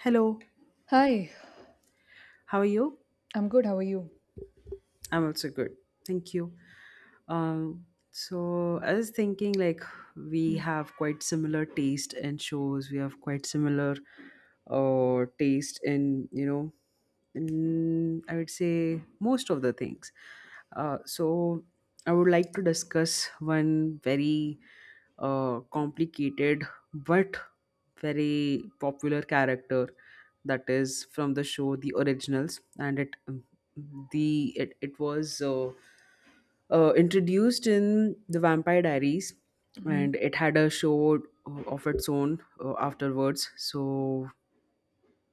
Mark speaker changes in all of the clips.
Speaker 1: Hello,
Speaker 2: Hi,
Speaker 1: how are you?
Speaker 2: I'm good. How are you?
Speaker 1: I'm also good. Thank you. So I was thinking, like, we have quite similar taste in shows. We have quite similar taste in I would say, most of the things. So I would like to discuss one very complicated but very popular character that is from the show The Originals, and it was introduced in the Vampire Diaries,
Speaker 2: Mm-hmm.
Speaker 1: and it had a show of its own afterwards. So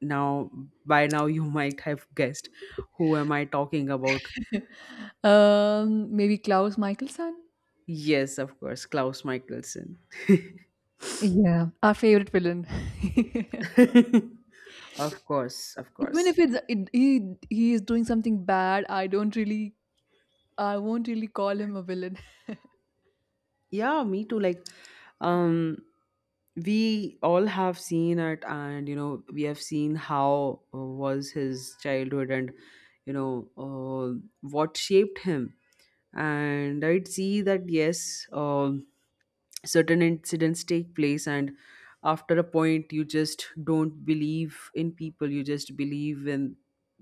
Speaker 1: now, by now, you might have guessed who am I talking about?
Speaker 2: Maybe Klaus Michelson.
Speaker 1: Yes, of course, Klaus Michelson.
Speaker 2: Yeah, our favorite villain.
Speaker 1: Of course, of
Speaker 2: Even if
Speaker 1: course.
Speaker 2: it's it, he is doing something bad, I don't really I won't really call him a villain.
Speaker 1: Yeah, me too. Like, um, we all have seen it, and we have seen how was his childhood, and you know uh, what shaped him. And I'd see that, yes, certain incidents take place, and after a point, you just don't believe in people, you just believe in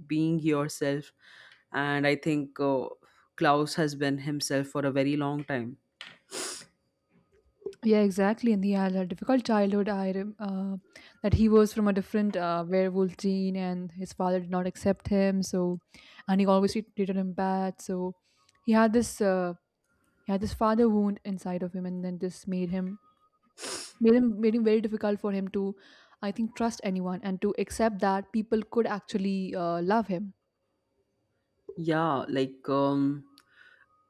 Speaker 1: being yourself. And I think Klaus has been himself for a very long time.
Speaker 2: Yeah, exactly. And he had a difficult childhood. That he was from a different werewolf gene, and his father did not accept him. So, and he always treated him bad. So, he had this uh, he had this father wound inside of him, and then this made him very difficult for him to, I think, trust anyone and to accept that people could actually love him.
Speaker 1: Yeah, like, um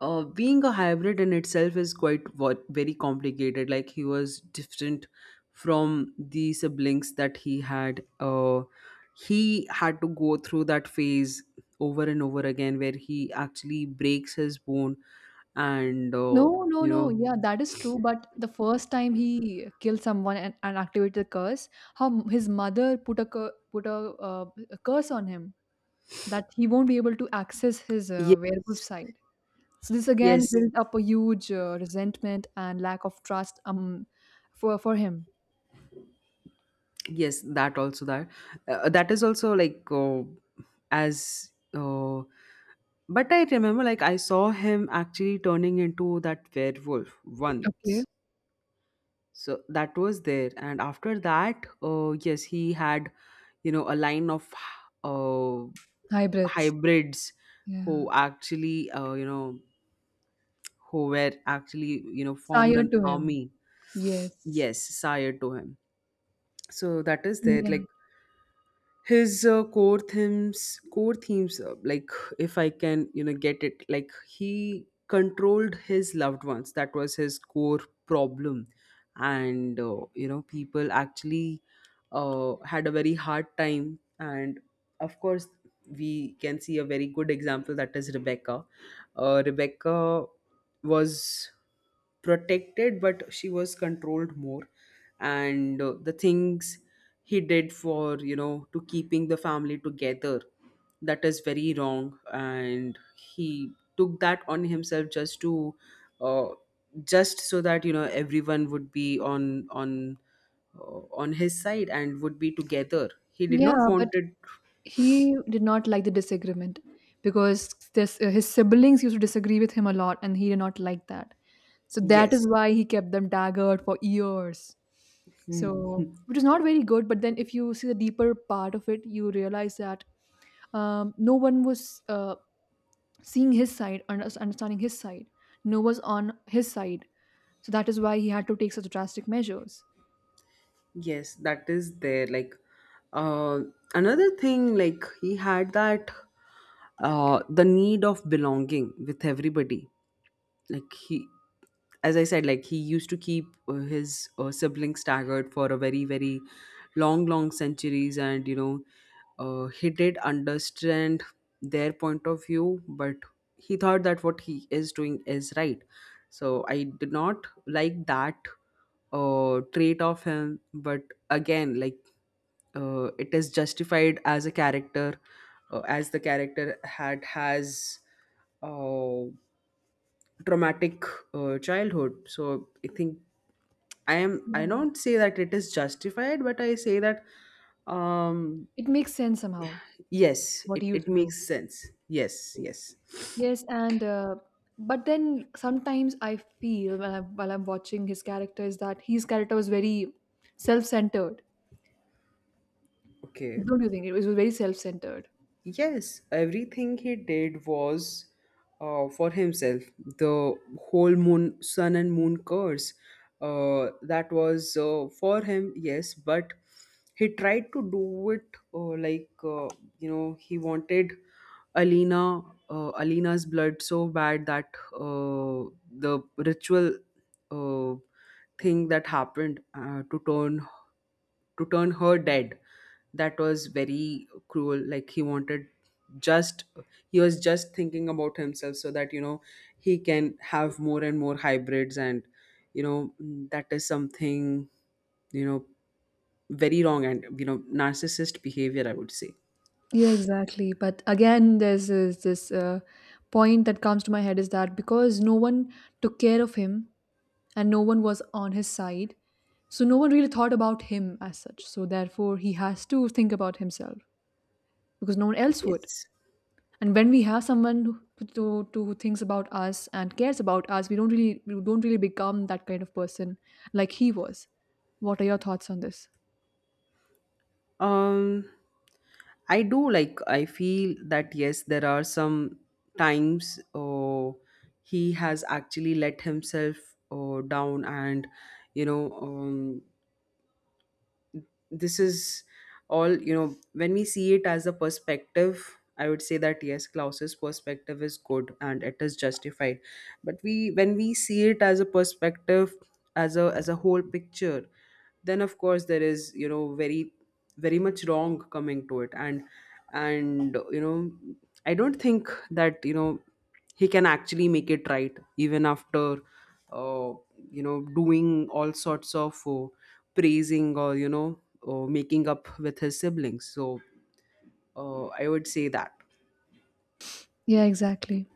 Speaker 1: uh, being a hybrid in itself is quite what very complicated. Like, he was different from the siblings that he had. He had to go through that phase over and over again where he actually breaks his bone, and
Speaker 2: no no
Speaker 1: you
Speaker 2: no
Speaker 1: know
Speaker 2: Yeah, that is true, but the first time he killed someone and activated the curse, his mother put a cur- put uh, a curse on him that he won't be able to access his werewolf
Speaker 1: yes,
Speaker 2: side. So this again
Speaker 1: yes,
Speaker 2: built up a huge resentment and lack of trust, for him.
Speaker 1: yes, that is also like, as but I remember, like, I saw him actually turning into that werewolf
Speaker 2: Okay,
Speaker 1: once. So that was there, and after that, yes, he had, a line of uh,
Speaker 2: hybrids.
Speaker 1: hybrids
Speaker 2: Yeah,
Speaker 1: who actually, who were actually, formed
Speaker 2: sire
Speaker 1: an
Speaker 2: to him.
Speaker 1: army.
Speaker 2: Yes.
Speaker 1: Yes, sire to him. So that is there, like,
Speaker 2: Yeah.
Speaker 1: his core themes, like, if I can get it, like, he controlled his loved ones, that was his core problem. And people actually had a very hard time. And of course we can see a very good example, that is Rebecca. Rebecca was protected, but she was controlled more. And the things he did for to keeping the family together, that is very wrong, and he took that on himself just to, uh, just so that everyone would be on his side and would be together. He did not
Speaker 2: Yeah,
Speaker 1: want
Speaker 2: but
Speaker 1: it.
Speaker 2: he did not like the disagreement because this his siblings used to disagree with him a lot, and he did not like that. So that is
Speaker 1: Yes.
Speaker 2: why he kept them daggered for years.
Speaker 1: Hmm.
Speaker 2: So, which is not very good. But then, if you see the deeper part of it, you realize that no one was seeing his side and understanding his side, noah's on his side. So that is why he had to take such drastic measures.
Speaker 1: Yes, that is there, like, uh, another thing, like, he had that, the need of belonging with everybody. Like, he — as I said, like, he used to keep his siblings staggered for a very, very long, long centuries, and he did understand their point of view, but he thought that what he is doing is right. So I did not like that trait of him, but again, like, it is justified as a character, as the character had has uh, traumatic childhood. So I think — I
Speaker 2: Yeah,
Speaker 1: don't say that it is justified, but I say that, um
Speaker 2: it makes sense somehow
Speaker 1: yes,
Speaker 2: what he
Speaker 1: it,
Speaker 2: used
Speaker 1: it
Speaker 2: to do.
Speaker 1: makes sense. Yes, yes.
Speaker 2: Yes, and but then sometimes I feel when while I'm watching his character is that his character was very self-centered.
Speaker 1: Okay.
Speaker 2: Don't you think it was very self-centered?
Speaker 1: Yes, everything he did was for himself. The whole moon, sun and moon curse, that was for him, yes, but he tried to do it — uh, like, uh, he wanted Alina, Alina's blood so bad that the ritual uh, thing that happened to turn her dead, that was very cruel. Like, he wanted — just, he was just thinking about himself, so that he can have more and more hybrids, and you know that is something, you know, very wrong, and narcissist behavior, I would say.
Speaker 2: Yeah, exactly, but again there's this point that comes to my head is that because no one took care of him and no one was on his side. So no one really thought about him as such. So therefore, he has to think about himself because no one else would.
Speaker 1: Yes.
Speaker 2: And when we have someone who, to who thinks about us and cares about us, we don't really become that kind of person like he was. What are your thoughts on this?
Speaker 1: um I do, like, I feel that, yes, there are some times, he has actually let himself down, and you know um this is all, you know, when we see it as a perspective, I would say that, yes, Klaus's perspective is good and it is justified. But we when we see it as a perspective, as a whole picture, then of course there is, you know, very, very much wrong coming to it. And and you know I don't think that he can actually make it right, even after, uh, doing all sorts of praising, or making up with his siblings. So, I would say that.
Speaker 2: Yeah, exactly.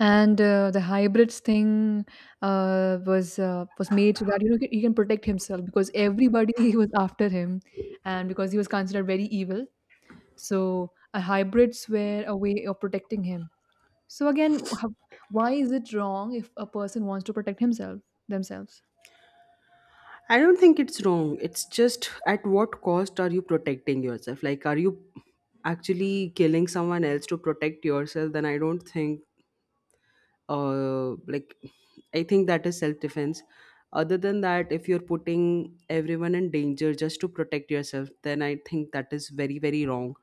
Speaker 2: And the hybrids thing was made so that you know he can protect himself because everybody was after him, and because he was considered very evil. So a hybrids were a way of protecting him. So again, why is it wrong if a person wants to protect himself, themselves?
Speaker 1: I don't think it's wrong, it's just, at what cost are you protecting yourself? Like, are you actually killing someone else to protect yourself? Then I don't think — uh, like I think that is self defense. Other than that, if you're putting everyone in danger just to protect yourself, then I think that is very, very wrong.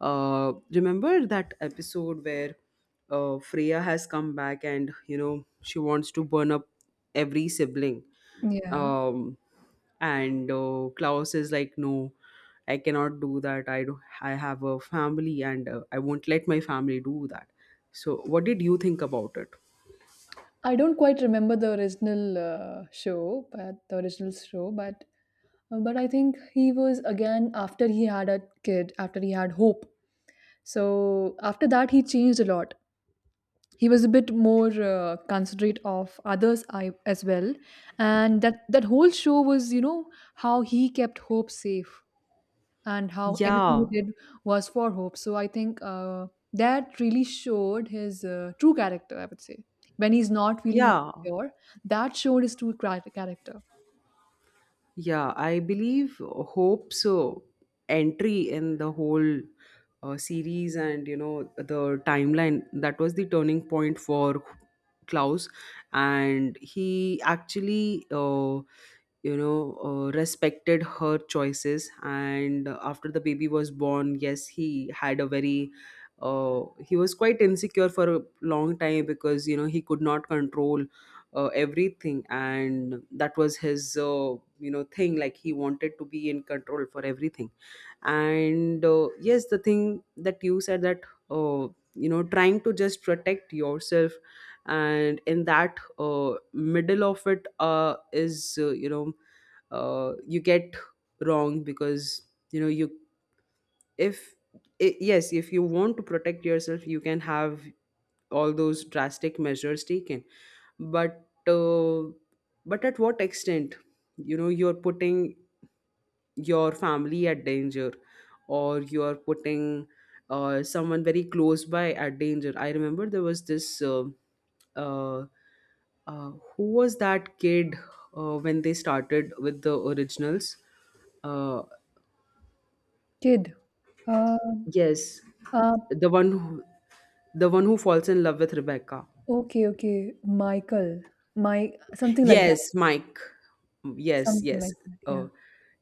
Speaker 1: Remember that episode where Freya has come back and she wants to burn up every sibling?
Speaker 2: Yeah.
Speaker 1: Um, and uh, Klaus is like, no, I cannot do that. I have a family, and I won't let my family do that. So what did you think about it?
Speaker 2: I don't quite remember the original show, but the original show, but I think he was again after he had a kid, after he had hope. So after that, he changed a lot. He was a bit more considerate of others, as well, and that that whole show was, you know, how he kept Hope safe and how everything
Speaker 1: Yeah,
Speaker 2: he did was for Hope. So I think that really showed his true character, I would say. When he's not feeling
Speaker 1: yeah,
Speaker 2: insecure, that showed his character.
Speaker 1: yeah. I believe Hope's entry in the whole series, and the timeline, that was the turning point for Klaus, and he actually, respected her choices. And after the baby was born, yes, he had a very — he was quite insecure for a long time, because he could not control everything, and that was his thing, like, he wanted to be in control for everything. And yes, the thing that you said, that uh, trying to just protect yourself, and in that middle of it is you get wrong, because you know you if I yes, if you want to protect yourself, you can have all those drastic measures taken, but uh, but at what extent you're putting your family at danger, or you're putting someone very close by at danger. I remember there was this uh, who was that kid when they started with The Originals? uh,
Speaker 2: Kid. Uh,
Speaker 1: yes,
Speaker 2: uh,
Speaker 1: the one who, the one who falls in love with Rebecca.
Speaker 2: okay, okay. Michael. My something like that.
Speaker 1: Yes, Mike. Yes,
Speaker 2: Something
Speaker 1: yes.
Speaker 2: like that. Yeah.
Speaker 1: Uh,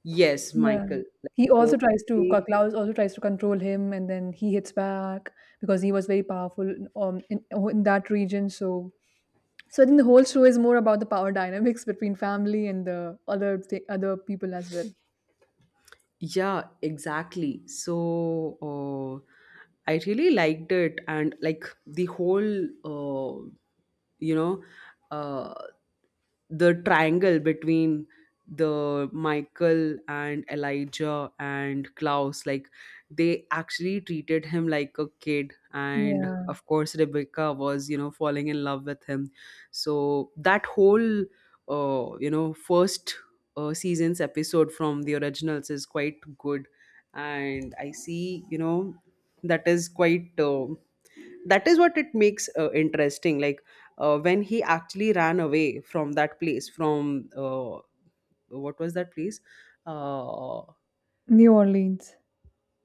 Speaker 1: yes,
Speaker 2: Yeah.
Speaker 1: Michael.
Speaker 2: He
Speaker 1: Like,
Speaker 2: also tries to
Speaker 1: they-
Speaker 2: Klaus also tries to control him, and then he hits back because he was very powerful in that region. So, so I think the whole show is more about the power dynamics between family and the other people as well.
Speaker 1: Yeah, exactly. So I really liked it, and, like, the whole, uh, you know, uh, the triangle between the Michael and Elijah and Klaus, like, they actually treated him like a kid, and
Speaker 2: Yeah,
Speaker 1: of course Rebecca was falling in love with him. So that whole first season's episode from The Originals is quite good, and I see, you know, that is quite — that is what it makes interesting. Like, when he actually ran away from that place, from what was that place? uh,
Speaker 2: New Orleans.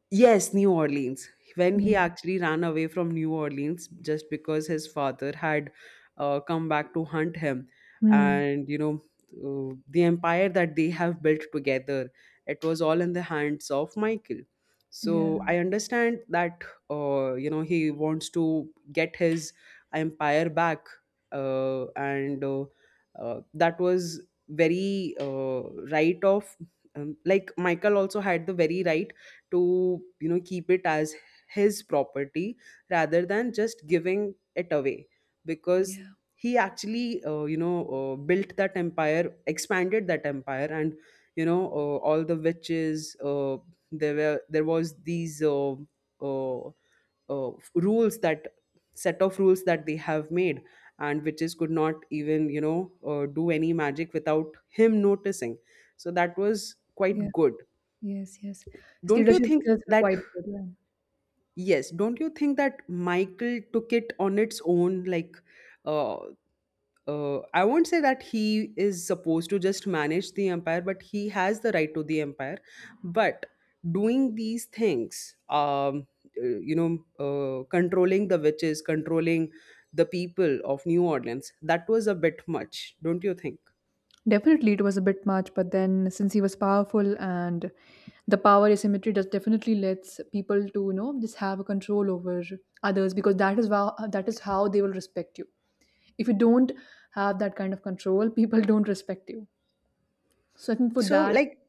Speaker 1: Yes, New Orleans. When he
Speaker 2: Yeah.
Speaker 1: actually ran away from New Orleans just because his father had come back to hunt him.
Speaker 2: Hmm.
Speaker 1: And the empire that they have built together, it was all in the hands of Michael.
Speaker 2: Yeah.
Speaker 1: So I understand that he wants to get his empire back. And that was very right of — like, Michael also had the very right to keep it as his property rather than just giving it away, because
Speaker 2: Yeah.
Speaker 1: he actually built that empire, expanded that empire, and all the witches there was these uh, rules that set of rules that they have made, and witches could not even do any magic without him noticing. So that was
Speaker 2: Yeah.
Speaker 1: quite good.
Speaker 2: Yes. Yes. His
Speaker 1: Don't you
Speaker 2: leadership
Speaker 1: think
Speaker 2: skills were
Speaker 1: that?
Speaker 2: quite good. Yeah.
Speaker 1: Yes, don't you think that Michael took it on its own? Like, uh, I won't say that he is supposed to just manage the empire, but he has the right to the empire. But doing these things, controlling the witches, controlling the people of New Orleans, that was a bit much, don't you think?
Speaker 2: Definitely, it was a bit much, but then since he was powerful and the power asymmetry does definitely lets people to, you know, just have a control over others because that is how, that is how they will respect you. If you don't have that kind of control, people don't respect you. So I think for
Speaker 1: So,
Speaker 2: that.
Speaker 1: like,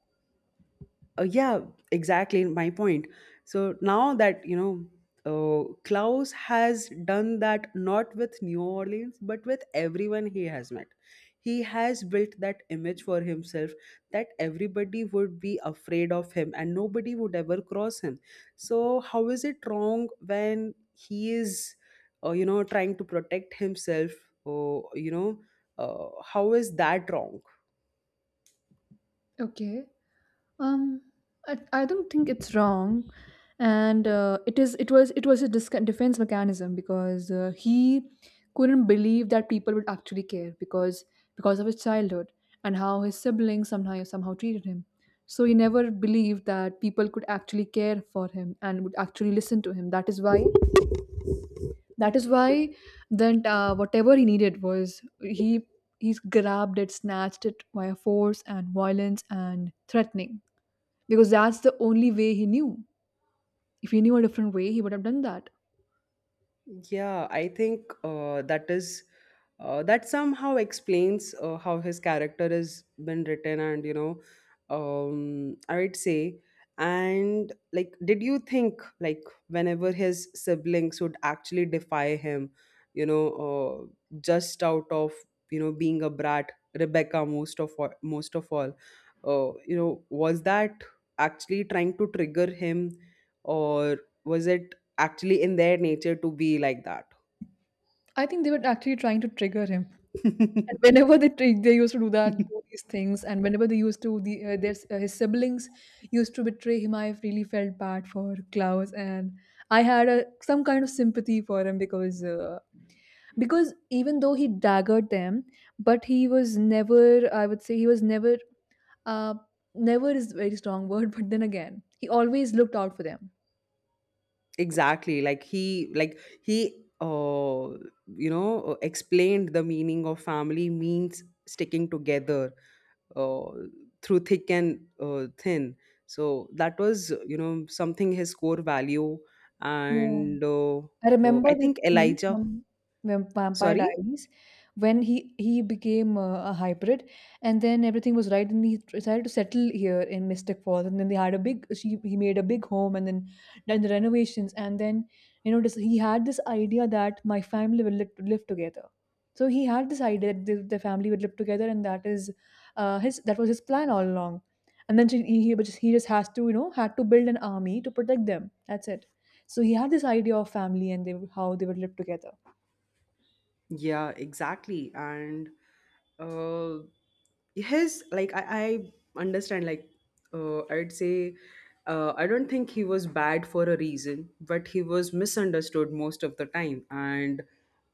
Speaker 1: Yeah, exactly my point. So now that Klaus has done that, not with New Orleans but with everyone he has met. He has built that image for himself that everybody would be afraid of him and nobody would ever cross him. So how is it wrong when he is trying to protect himself? Or how is that wrong?
Speaker 2: Okay. Um, I don't think it's wrong, and it is. It was. It was a defense mechanism because he couldn't believe that people would actually care because of his childhood and how his siblings somehow treated him. So he never believed that people could actually care for him and would actually listen to him. That is why. That is why. Then whatever he needed was he. He's grabbed it, snatched it via force and violence and threatening because that's the only way he knew. If he knew a different way, he would have done that.
Speaker 1: Yeah, I think that is — that somehow explains how his character has been written, and I would say. And, like, did you think, like, whenever his siblings would actually defy him, you know, just out of being a brat, Rebecca most of all, most of all was that actually trying to trigger him, or was it? Actually in their nature to be like that.
Speaker 2: I think they were actually trying to trigger him. And whenever they used to do that, do these things, and whenever they used to the their his siblings used to betray him, I really felt bad for Klaus, and I had a, some kind of sympathy for him because even though he daggered them, but he was never uh, never is a very strong word, but then again he always looked out for them.
Speaker 1: Exactly, like he explained the meaning of family means sticking together uh through thick and thin. So that was something his core value.
Speaker 2: Yeah.
Speaker 1: And
Speaker 2: I
Speaker 1: I
Speaker 2: remember this
Speaker 1: think
Speaker 2: scene
Speaker 1: Elijah,
Speaker 2: from Vampire
Speaker 1: sorry.
Speaker 2: Diaries when he became a hybrid, and then everything was right, and he decided to settle here in Mystic Falls, and then they had a big she he made a big home, and then done the renovations, and then you know this, he had this idea that my family will live together. So he had this idea that the family would live together, and that is his that was his plan all along. And then he he just has to, you know, had to build an army to protect them. That's it. So he had this idea of family and they how they would live together.
Speaker 1: Yeah, exactly. And uh, his, like I understand, like I'd say, I don't think he was bad for a reason, but he was misunderstood most of the time, and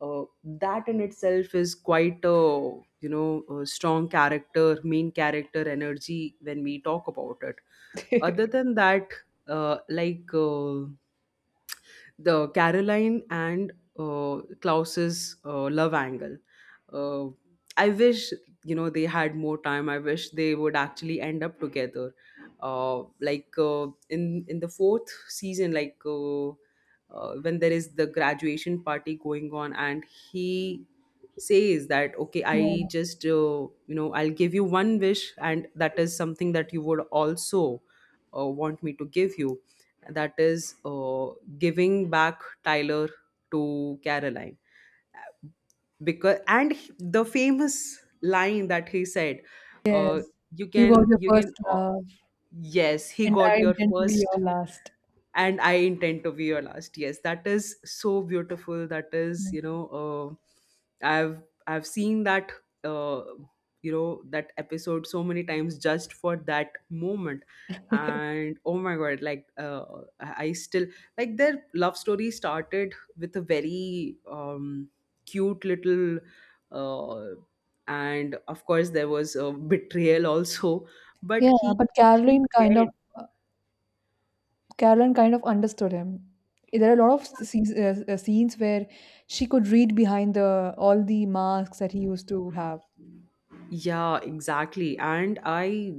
Speaker 1: that in itself is quite a a strong character, main character energy when we talk about it. Other than that, uh, like. Uh, the Caroline and Klaus's love angle. Uh, I wish, you know, they had more time. I wish they would actually end up together. In the fourth season, like, when there is the graduation party going on, and he says that, okay, I
Speaker 2: Yeah.
Speaker 1: just you know, I'll give you one wish, and that is something that you would also want me to give you, that is giving back Tyler to Caroline. Because and he- the famous line that he said, uh,
Speaker 2: Yes.
Speaker 1: you
Speaker 2: He was
Speaker 1: can
Speaker 2: your
Speaker 1: you can
Speaker 2: first
Speaker 1: uh,
Speaker 2: love.
Speaker 1: yes, he
Speaker 2: And I
Speaker 1: got your
Speaker 2: intend to be
Speaker 1: first,
Speaker 2: your last.
Speaker 1: and I intend to be your last. Yes, that is so beautiful. That is,
Speaker 2: Mm.
Speaker 1: you know, I've seen that, uh, you know, that episode so many times just for that moment. And oh my god, like, I still, like, their love story started with a very cute little, uh, and of course there was a betrayal also, but
Speaker 2: Yeah,
Speaker 1: he
Speaker 2: but
Speaker 1: actually cared.
Speaker 2: Uh, Caroline kind of understood him. There are a lot of scenes, scenes where she could read behind the all the masks that he used to have.
Speaker 1: Yeah, exactly. And I,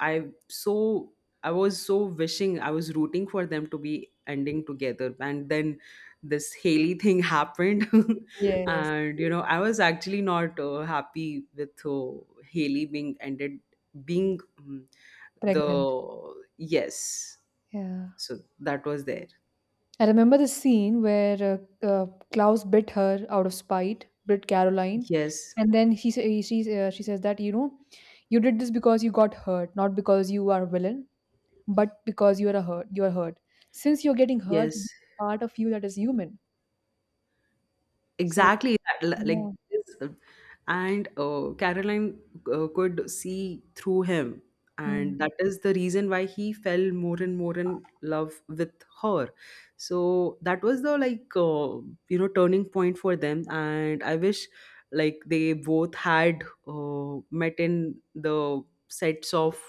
Speaker 1: I so I was so wishing, I was rooting for them to be ending together, and then this Haley thing happened.
Speaker 2: Yes.
Speaker 1: And you know, I was actually not happy with Haley being ended, being
Speaker 2: Pregnant.
Speaker 1: the, yes.
Speaker 2: Yeah.
Speaker 1: So that was there.
Speaker 2: I remember the scene where Klaus bit her out of spite, bit Caroline,
Speaker 1: Yes,
Speaker 2: and then he sa- he- she says that, you know, you did this because you got hurt, not because you are a villain, but because you are a hurt. You are hurt. Since you're getting hurt,
Speaker 1: yes,
Speaker 2: part of you that is human. So
Speaker 1: exactly, that, like
Speaker 2: yeah.
Speaker 1: this, and Caroline could see through him,
Speaker 2: Hmm.
Speaker 1: and that is the reason why he fell more and more in love with her. So that was the, like, you know, turning point for them, and I wish, like, they both had met in the sets of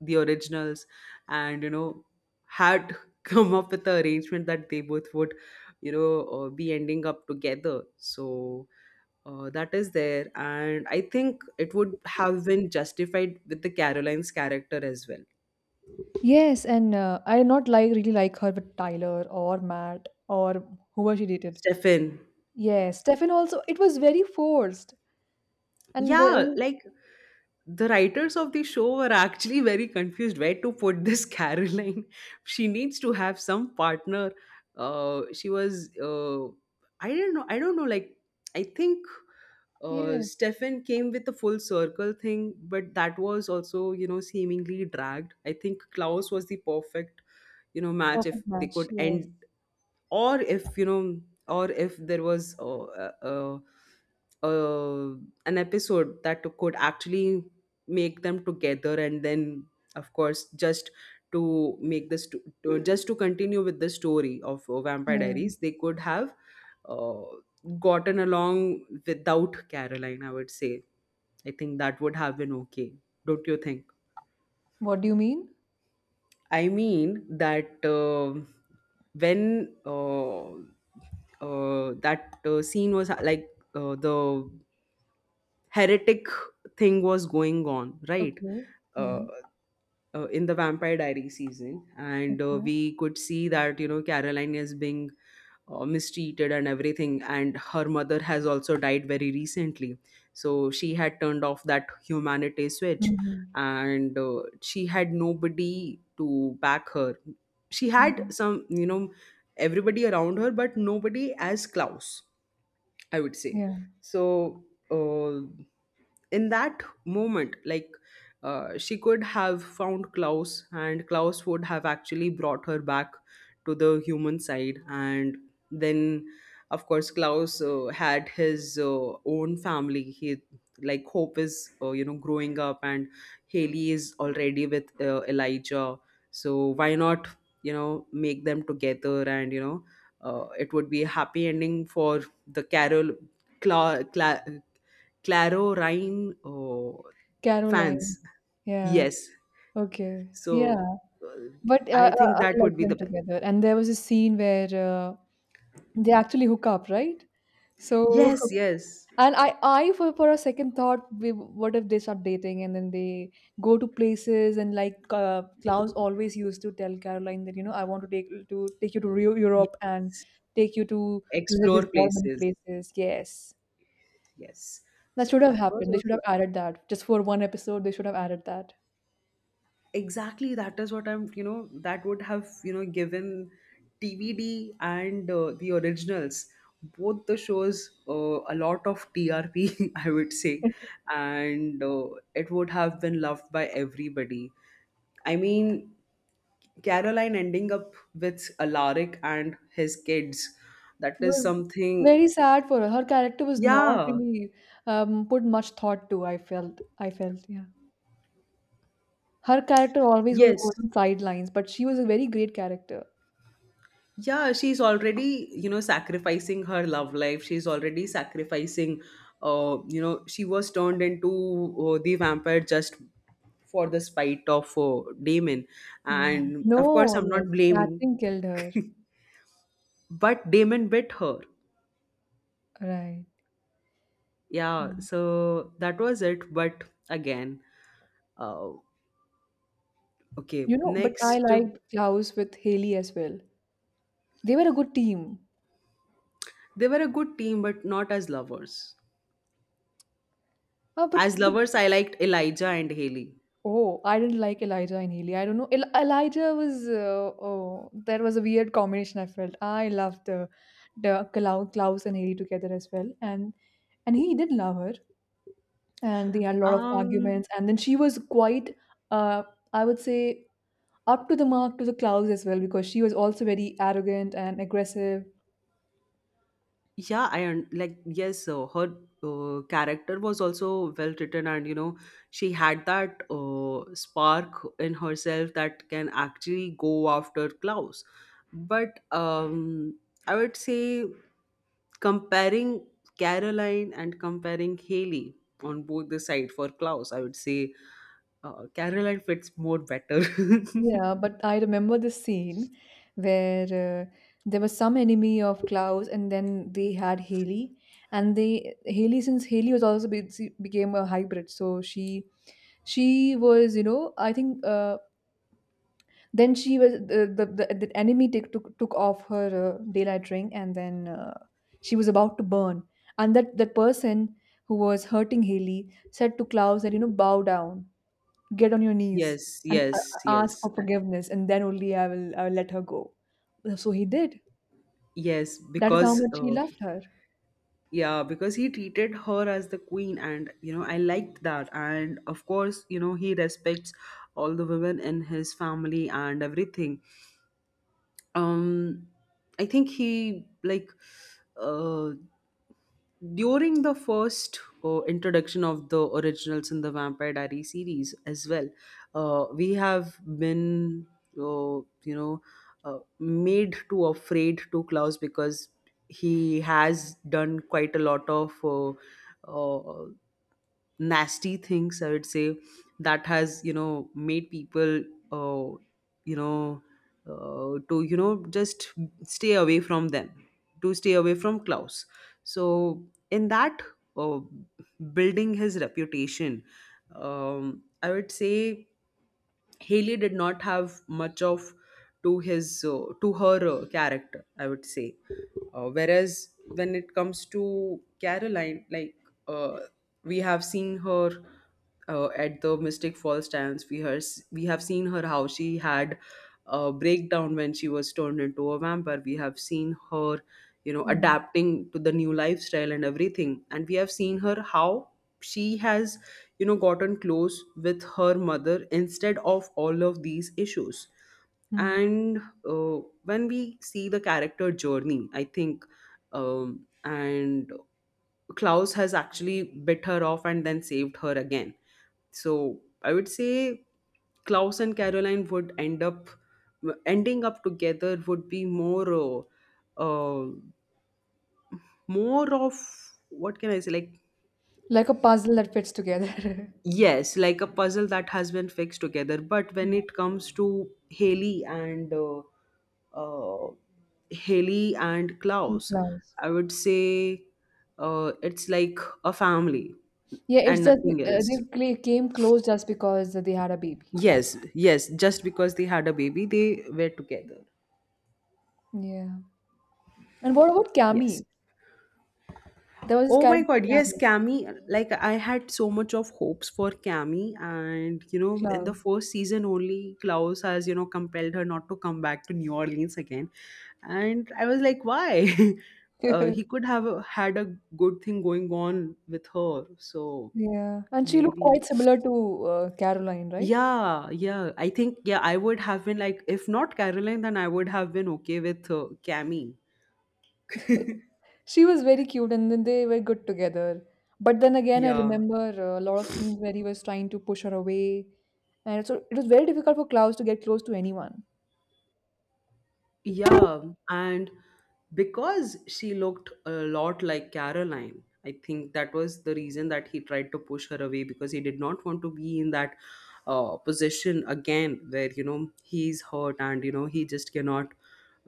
Speaker 1: the originals, and you know, had come up with the arrangement that they both would, you know, be ending up together. So that is there, and I think it would have been justified with the Caroline's character as well.
Speaker 2: Yes, and I did not like really like her with Tyler or Matt or whoever she dated.
Speaker 1: Stefan.
Speaker 2: Yes, Stefan also. It was very forced, and
Speaker 1: Yeah, like, the writers of the show were actually very confused where to put this Caroline. She needs to have some partner. She was I don't know, like, I think
Speaker 2: yes,
Speaker 1: Stefan came with the full circle thing, but that was also, you know, seemingly dragged. I think Klaus was the perfect, you know, match if
Speaker 2: perfect
Speaker 1: they
Speaker 2: match.
Speaker 1: could
Speaker 2: Yes,
Speaker 1: end, or if, you know, or if there was uh, an episode that could actually make them together, and then of course, just to make this just to continue with the story of Vampire
Speaker 2: yes.
Speaker 1: Diaries, they could have uh, gotten along without Caroline, I would say. I think that would have been okay, don't you think?
Speaker 2: What do you mean?
Speaker 1: I mean that when that scene was, the heretic thing was going on, right?
Speaker 2: Okay.
Speaker 1: Uh,
Speaker 2: Yeah.
Speaker 1: in the Vampire Diary season, and
Speaker 2: Okay.
Speaker 1: we could see that, you know, Caroline is being mistreated and everything, and her mother has also died very recently, so she had turned off that humanity switch,
Speaker 2: Mhm.
Speaker 1: and she had nobody to back her. She had
Speaker 2: Yeah.
Speaker 1: some, you know, everybody around her, but nobody as Klaus, I would say.
Speaker 2: Yeah.
Speaker 1: So uh, in that moment, like, she could have found Klaus, and Klaus would have actually brought her back to the human side. And then of course Klaus had his own family. He, like, Hope is, you know, growing up, and Haley is already with Elijah. So why not, you know, make them together? And you know, it would be a happy ending for the Carol, Cla- Cla- Claro Rhine, oh,
Speaker 2: Caroline.
Speaker 1: fans.
Speaker 2: Yeah.
Speaker 1: Yes.
Speaker 2: Okay. Yeah.
Speaker 1: So uh,
Speaker 2: But
Speaker 1: I think that
Speaker 2: I like
Speaker 1: would be
Speaker 2: them
Speaker 1: the best.
Speaker 2: together. And there was a scene where they actually hook up, right? So,
Speaker 1: Yes, yes.
Speaker 2: and I for a second thought, we, what if they start dating and then they go to places and like Klaus always used to tell Caroline that, you know, I want to take you to Rio,
Speaker 1: Yeah.
Speaker 2: Europe, and take you to visit these
Speaker 1: Explore
Speaker 2: northern
Speaker 1: places.
Speaker 2: places. Yes.
Speaker 1: Yes.
Speaker 2: That
Speaker 1: So
Speaker 2: should have
Speaker 1: that was
Speaker 2: happened. They should
Speaker 1: also
Speaker 2: have added that. Just for one episode, they should have added that.
Speaker 1: exactly that is what I'm, you know, that would have, you know, given TVD and the Originals, both the shows, a lot of TRP, I would say. And it would have been loved by everybody. I mean, Caroline ending up with Alaric and his kids. That
Speaker 2: It
Speaker 1: is
Speaker 2: was
Speaker 1: something.
Speaker 2: very sad for her. Her character was not
Speaker 1: Yeah,
Speaker 2: really put much thought to, I felt. I felt, yeah. Her character always was
Speaker 1: yes.
Speaker 2: on sidelines, but she was a very great character.
Speaker 1: Yeah, she's already, you know, sacrificing her love life. She's already sacrificing, you know, she was turned into the vampire just for the spite of Damon.
Speaker 2: Yeah.
Speaker 1: And of course,
Speaker 2: No,
Speaker 1: I'm
Speaker 2: yes.
Speaker 1: not blaming,
Speaker 2: Catherine killed her.
Speaker 1: but Damon bit her.
Speaker 2: Right.
Speaker 1: Yeah,
Speaker 2: Mm.
Speaker 1: so that was it. But again, uh, okay,
Speaker 2: You know, but I
Speaker 1: next.
Speaker 2: liked Klaus with Haley as well. They were a good team.
Speaker 1: They were a good team, but not as lovers.
Speaker 2: Ah,
Speaker 1: As
Speaker 2: but
Speaker 1: lovers, I liked Elijah and Haley.
Speaker 2: oh, I didn't like Elijah and Haley. I don't know. Elijah was oh, that was a weird combination. I felt I loved the Klaus and Haley together as well, and he did love her, and they had a lot of
Speaker 1: Um,
Speaker 2: arguments, and then she was quite uh I would say up to the mark to the Klaus as well because she was also very arrogant and aggressive.
Speaker 1: Yeah, like, yes, her character was also well written, and you know, she had that spark in herself that can actually go after Klaus. But I would say, comparing Caroline and comparing Haley on both the side for Klaus, I would say Caroline fits more better.
Speaker 2: Yeah, but I remember the scene where there was some enemy of Klaus, and then they had Haley, and they Haley, since Haley was also she became a hybrid, so she was you know I think then she was the enemy took off her daylight ring, and then she was about to burn, and that person who was hurting Haley said to Klaus that, you know, bow down, get on your knees
Speaker 1: Yes,
Speaker 2: and ask for forgiveness, and then only I will let her go. So he did.
Speaker 1: yes,
Speaker 2: That is how
Speaker 1: because
Speaker 2: much he loved her.
Speaker 1: yeah, because he treated her as the queen, and you know, I liked that. And of course, you know, he respects all the women in his family and everything. Um, I think he, like, uh during the first introduction of the Originals in the Vampire Diary series as well, we have been you know, made to afraid to Klaus because he has done quite a lot of. Uh, Nasty things, I would say, that has, you know, made people uh, you know to, you know, just stay away from them, to stay away from Klaus. So in that uh, building his reputation, I would say Haley did not have much of to his to her character, I would say. Whereas when it comes to Caroline, like, uh, we have seen her at the Mystic Falls times, we have seen her how she had a breakdown when she was turned into a vampire. We have seen her, you know,
Speaker 2: Mm.
Speaker 1: adapting to the new lifestyle and everything, and we have seen her how she has, you know, gotten close with her mother instead of all of these issues.
Speaker 2: Hmm.
Speaker 1: And uh, when we see the character journey, I think, and Klaus has actually bit her off and then saved her again. So I would say Klaus and Caroline would end up, ending up together would be more uh, more of, what can I say, like.
Speaker 2: Like a puzzle that fits together.
Speaker 1: Yes, like a puzzle that has been fixed together. But when
Speaker 2: Yeah,
Speaker 1: it comes to Haley and uh, Haley and
Speaker 2: in
Speaker 1: Klaus,
Speaker 2: close.
Speaker 1: I would say it's like a family
Speaker 2: Yeah, it's
Speaker 1: and
Speaker 2: just
Speaker 1: nothing else.
Speaker 2: came close just because they had a baby. That
Speaker 1: Yes, yes. Just because they had a baby, they were together.
Speaker 2: yeah. And what about
Speaker 1: Yes.
Speaker 2: Cammy? There was this
Speaker 1: Oh my
Speaker 2: character
Speaker 1: god, yes,
Speaker 2: Cammy.
Speaker 1: Cammy. Like, I had so much of hopes for Cammy, and you know, in the
Speaker 2: Close.
Speaker 1: first season only, Klaus has, you know, compelled her not to come back to New Orleans again, and I was like, why? He could have had a good thing going on with her. So
Speaker 2: Yeah, and she looked
Speaker 1: maybe.
Speaker 2: quite similar to Caroline, right?
Speaker 1: Yeah, yeah. I think, yeah, I would have been like, if not Caroline, then I would have been okay with Cammy.
Speaker 2: She was very cute and then they were good together. But then again, I
Speaker 1: Yeah.
Speaker 2: remember a lot of scenes where he was trying to push her away. And so it was very difficult for Klaus to get close to anyone.
Speaker 1: Yeah, and because she looked a lot like Caroline, I think that was the reason that he tried to push her away, because he did not want to be in that position again, where, you know, he's hurt, and, you know, he just cannot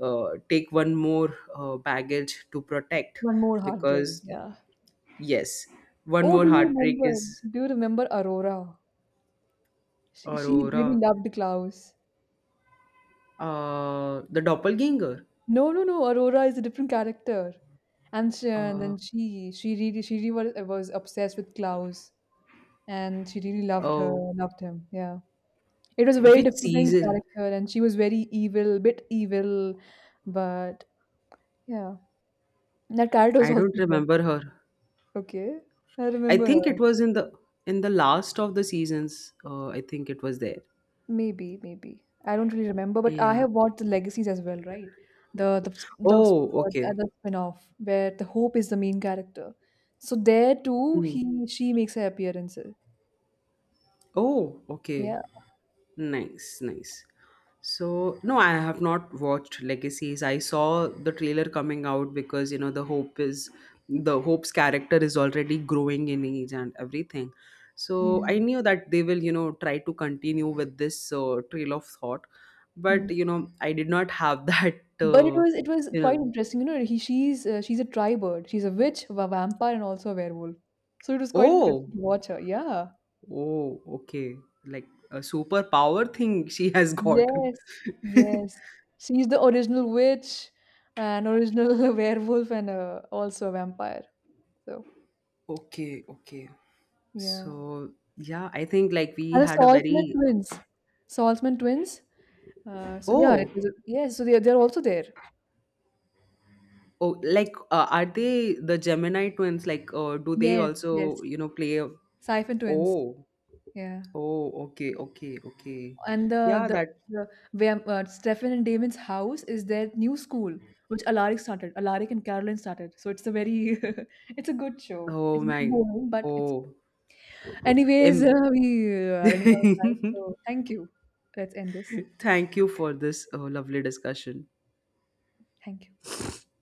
Speaker 1: take one more baggage to protect.
Speaker 2: One more heartbreak.
Speaker 1: Because,
Speaker 2: Yeah.
Speaker 1: yes, one
Speaker 2: Oh,
Speaker 1: more
Speaker 2: do you
Speaker 1: heartbreak
Speaker 2: remember?
Speaker 1: is.
Speaker 2: Do you remember Aurora? She really
Speaker 1: Aurora,
Speaker 2: loved Klaus.
Speaker 1: the doppelganger.
Speaker 2: No, no, no. Aurora is a different character. And, she, and
Speaker 1: Uh,
Speaker 2: then she really was obsessed with Klaus and she really loved
Speaker 1: oh,
Speaker 2: loved him. Yeah. It was a very
Speaker 1: which
Speaker 2: different
Speaker 1: season?
Speaker 2: character, and she was very evil, bit evil, but yeah, that character was
Speaker 1: I
Speaker 2: also
Speaker 1: don't
Speaker 2: good.
Speaker 1: remember her.
Speaker 2: Okay, I
Speaker 1: I
Speaker 2: remember
Speaker 1: think it
Speaker 2: her.
Speaker 1: was in the last of the seasons. I think it was there.
Speaker 2: Maybe, maybe I don't really remember, but I
Speaker 1: Yeah.
Speaker 2: have watched the Legacies as well, right? The the sp- the sp-
Speaker 1: Oh, okay.
Speaker 2: the spin-off where the Hope is the main character. So there too,
Speaker 1: Mm.
Speaker 2: he she makes her appearance.
Speaker 1: Oh, okay.
Speaker 2: Yeah,
Speaker 1: Nice, nice. So, no, I have not watched Legacies. I saw the trailer coming out because, you know, the Hope's character is already growing in age and everything. So, I
Speaker 2: yeah.
Speaker 1: knew that they will, you know, try to continue with this trail of thought,
Speaker 2: Hmm.
Speaker 1: but, you know, I did not have that,
Speaker 2: But it was, it was
Speaker 1: you
Speaker 2: quite
Speaker 1: know,
Speaker 2: interesting, you know. He she's a tri bird. She's a witch, a vampire, and also a werewolf. So it was quite interesting to
Speaker 1: oh.
Speaker 2: watch her. Yeah.
Speaker 1: Oh, okay. Like a superpower thing she has gotten.
Speaker 2: Yes. Yes. She's the original witch, an original werewolf, and also a vampire. So
Speaker 1: Okay, okay.
Speaker 2: yeah.
Speaker 1: So, yeah, I think, like, we
Speaker 2: And the
Speaker 1: had a
Speaker 2: Saltzman
Speaker 1: very,
Speaker 2: twins. Saltzman twins. So yeah, it
Speaker 1: oh,
Speaker 2: was a, yes. So they're also there.
Speaker 1: oh, like, are they the Gemini twins? Like, do they
Speaker 2: Yes.
Speaker 1: also,
Speaker 2: Yes.
Speaker 1: you know, play a,
Speaker 2: Siphon twins.
Speaker 1: oh,
Speaker 2: Yeah.
Speaker 1: oh, okay, okay, okay.
Speaker 2: And the
Speaker 1: Yeah,
Speaker 2: the
Speaker 1: that,
Speaker 2: the where Stefan and Damon's house is their new school, which Alaric started. Alaric and Caroline started. So it's a very it's a good show.
Speaker 1: oh
Speaker 2: It's a bit
Speaker 1: my,
Speaker 2: boring, but it's
Speaker 1: oh,
Speaker 2: good. Anyways,
Speaker 1: em-
Speaker 2: we are running out of time. So thank you. Let's end this.
Speaker 1: thank you for this lovely discussion.
Speaker 2: Thank you.